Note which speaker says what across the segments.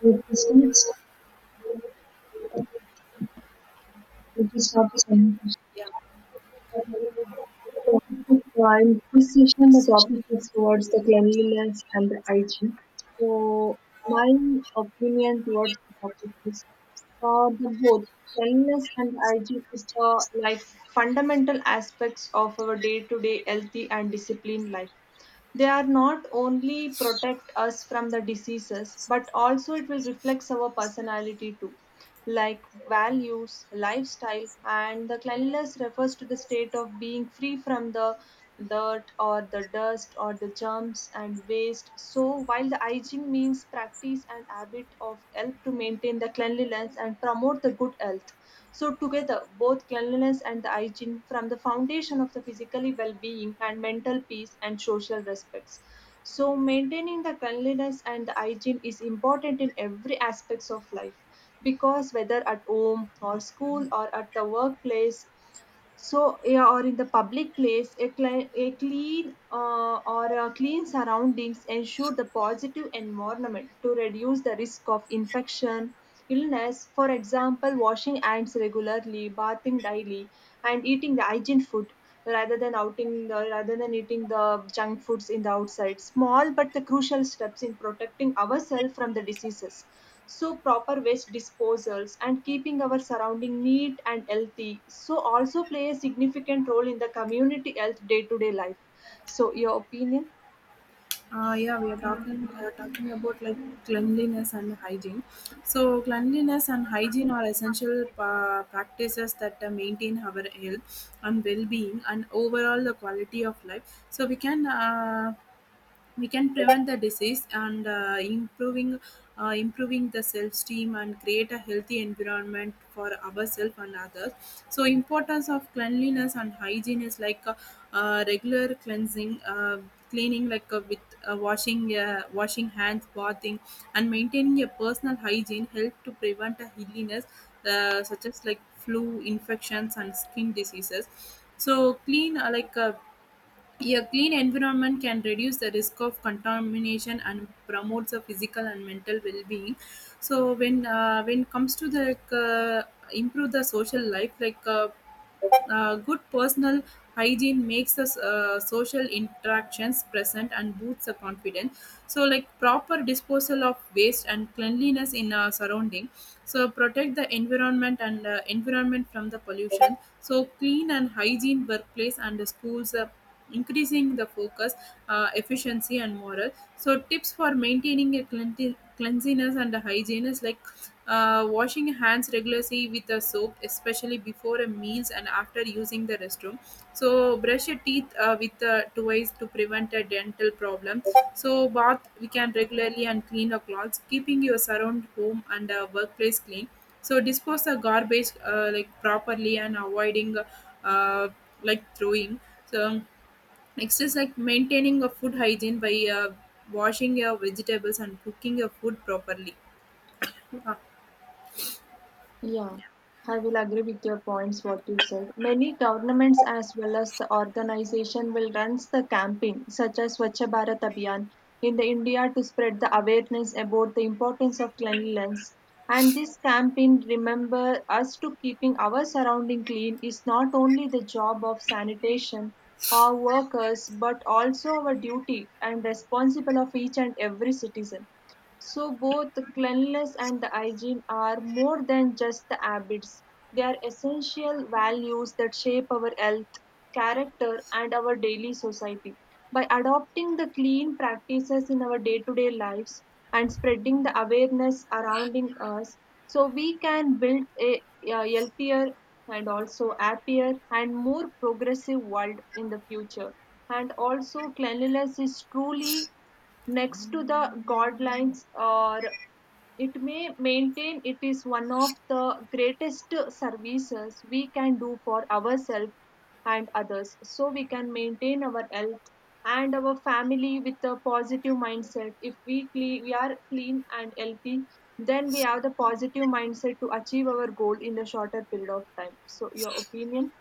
Speaker 1: With distinct critics of the conversation.
Speaker 2: Yeah,
Speaker 1: While this session, the topic is towards the cleanliness and the hygiene. So, my opinion towards the topic is the both cleanliness and hygiene is the life fundamental aspects of our day-to-day healthy and disciplined life. They are not only protect us from the diseases, but also it will reflect our personality too like values, lifestyle, and the cleanliness refers to the state of being free from the dirt or the dust or the germs and waste. So, while the hygiene means practice and habit of help to maintain the cleanliness and promote the good health. So, together, both cleanliness and the hygiene from the foundation of the physically well being and mental peace and social respects. So maintaining the cleanliness and the hygiene is important in every aspects of life because whether at home or school or at the workplace, so yeah, or in the public place a clean or a clean surroundings ensure the positive environment to reduce the risk of infection illness. For example, washing hands regularly, bathing daily, and eating the hygiene food rather than eating the junk foods in the outside, small but the crucial steps in protecting ourselves from the diseases. So proper waste disposals and keeping our surrounding neat and healthy so also play a significant role in the community health day to day life. So your opinion?
Speaker 2: yeah, we are talking talking about like cleanliness and hygiene. So cleanliness and hygiene are essential practices that maintain our health and well-being and overall the quality of life. So we can prevent the disease and improving the self esteem and create a healthy environment for ourselves and others. So importance of cleanliness and hygiene is like regular cleansing cleaning like with washing hands bathing and maintaining a personal hygiene help to prevent a illness such as like flu infections and skin diseases. So clean like a clean environment can reduce the risk of contamination and promotes the physical and mental well-being. So when it comes to the improve the social life, like good personal hygiene makes us social interactions present and boosts the confidence. So like proper disposal of waste and cleanliness in our surrounding. So protect the environment and environment from the pollution. So clean and hygiene workplace and the schools. Increasing the focus, efficiency, and moral. So tips for maintaining a cleanliness and hygiene is like washing hands regularly with a soap, especially before a meals and after using the restroom. So brush your teeth with twice to prevent a dental problem. So bath we can regularly and clean the clothes, keeping your surround home and workplace clean. So dispose the garbage like properly and avoiding uh, like throwing. So next is like maintaining a food hygiene by washing your vegetables and cooking your food properly. Uh,
Speaker 1: Yeah, I will agree with your points, what you said. Many governments as well as the organization will run the campaign such as Swachh Bharat Abhiyan in the India to spread the awareness about the importance of cleanliness. And this campaign, remember us to keeping our surrounding clean is not only the job of sanitation or workers, but also our duty and responsible of each and every citizen. So both the cleanliness and the hygiene are more than just the habits. They are essential values that shape our health, character, and our daily society. By adopting the clean practices in our day-to-day lives and spreading the awareness surrounding us, so we can build a healthier and also happier and more progressive world in the future. And also, cleanliness is truly next to the guidelines, or it may maintain, it is one of the greatest services we can do for ourselves and others, so we can maintain our health and our family with a positive mindset. If we are clean and healthy, then we have the positive mindset to achieve our goal in the shorter period of time. So your opinion?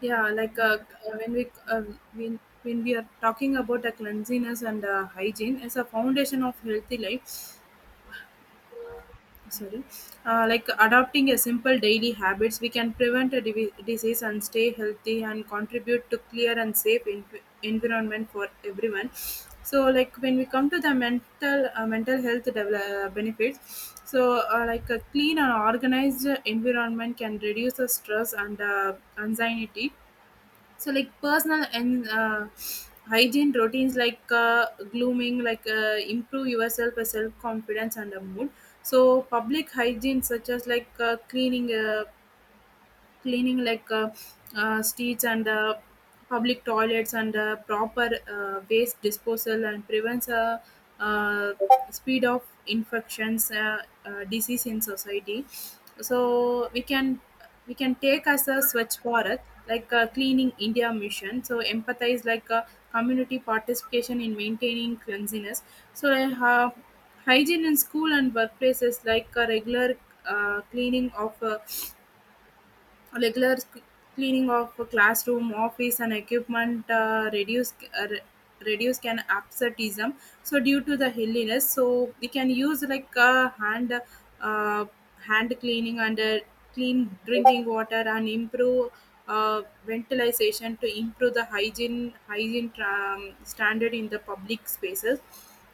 Speaker 2: yeah, like uh, when when we are talking about the cleanliness and hygiene as a foundation of healthy life. Sorry. Like adopting a simple daily habits we can prevent a disease and stay healthy and contribute to clear and safe environment for everyone. So like when we come to the mental mental health benefits. So like a clean and organized environment can reduce the stress and anxiety. So like personal and hygiene routines like glooming like improve yourself self confidence and a mood. So public hygiene such as like cleaning like streets and public toilets and proper waste disposal and prevents uh, speed of infections disease in society. So we can take as a Swachh Bharat like a cleaning India mission. So empathize like a community participation in maintaining cleanliness. So hygiene in school and workplaces like a regular uh, cleaning of uh, regular sc- cleaning of a classroom, office, and equipment reduce uh, re- reduce can absenteeism. So due to the hilliness, so we can use like uh, hand cleaning and clean drinking water and improve ventilation to improve the hygiene standard in the public spaces.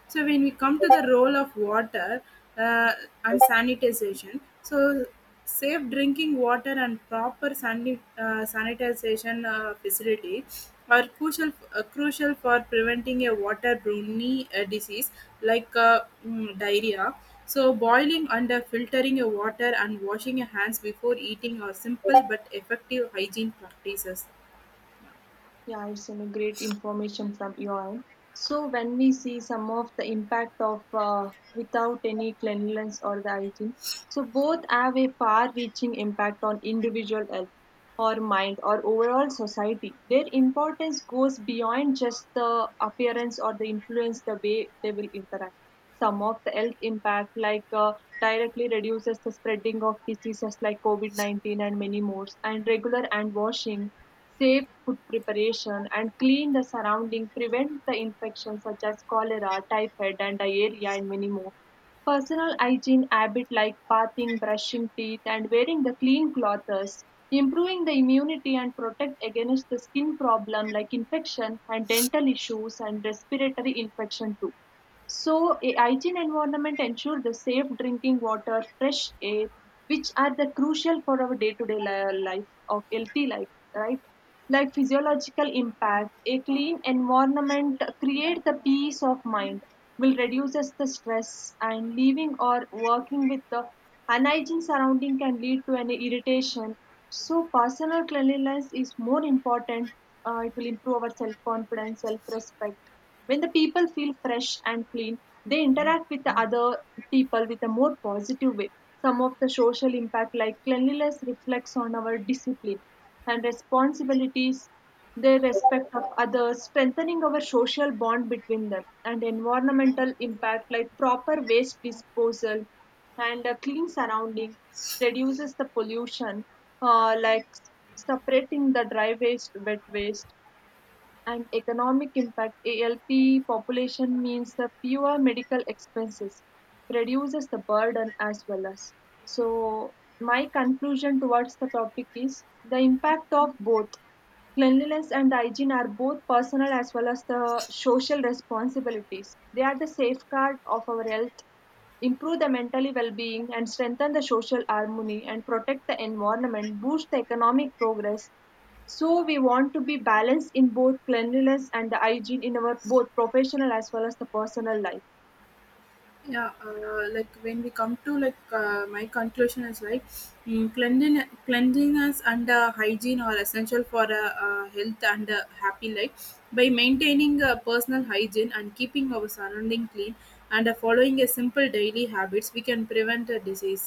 Speaker 2: So when we come to the role of water uh, and sanitization, so safe drinking water and proper sanitization facility are crucial for preventing a waterborne disease like diarrhea. So boiling and filtering your water and washing your hands before eating are simple but effective hygiene practices.
Speaker 1: Yeah, it's some great information from you all. So when we see some of the impact of without any cleanliness or the hygiene, so both have a far-reaching impact on individual health or mind or overall society. Their importance goes beyond just the appearance or the influence the way they will interact. Some of the health impact, like directly reduces the spreading of diseases like COVID-19 and many more, and regular hand washing, safe food preparation, and clean the surrounding prevent the infections such as cholera, typhoid, and diarrhea, and many more. Personal hygiene habit like bathing, brushing teeth, and wearing the clean clothes, improving the immunity and protect against the skin problem like infection and dental issues and respiratory infection too. So, a hygiene environment ensure the safe drinking water, fresh air, which are the crucial for our day-to-day life of healthy life, right? Like physiological impact, a clean environment creates the peace of mind, will reduces the stress, and living or working with the unhygiene surrounding can lead to an irritation. So personal cleanliness is more important. It will improve our self-confidence, self-respect. When the people feel fresh and clean, they interact with the other people with a more positive way. Some of the social impact, like cleanliness, reflects on our discipline and responsibilities, their respect of others, strengthening our social bond between them, and environmental impact like proper waste disposal and a clean surrounding reduces the pollution, like separating the dry waste, wet waste, and economic impact ALP population means the fewer medical expenses reduces the burden as well as. So my conclusion towards the topic is the impact of both cleanliness and hygiene are both personal as well as the social responsibilities. They are the safeguard of our health, improve the mentally well-being, and strengthen the social harmony and protect the environment, boost the economic progress. So we want to be balanced in both cleanliness and the hygiene in our both professional as well as the personal life.
Speaker 2: Yeah like When we come to like my conclusion is like cleanliness and hygiene are essential for a health and happy life. By maintaining a personal hygiene and keeping our surrounding clean and following a simple daily habits, we can prevent a disease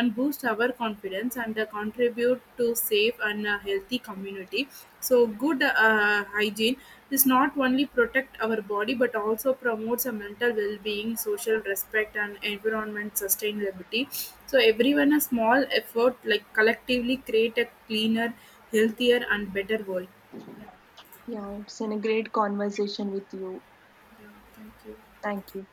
Speaker 2: and boost our confidence and contribute to safe and healthy community. So good hygiene is not only protect our body but also promotes a mental well-being, social respect and environment sustainability. So everyone a small effort like collectively create a cleaner, healthier and better world.
Speaker 1: Yeah, it's been a great conversation with you.
Speaker 2: Yeah, thank you.
Speaker 1: Thank you.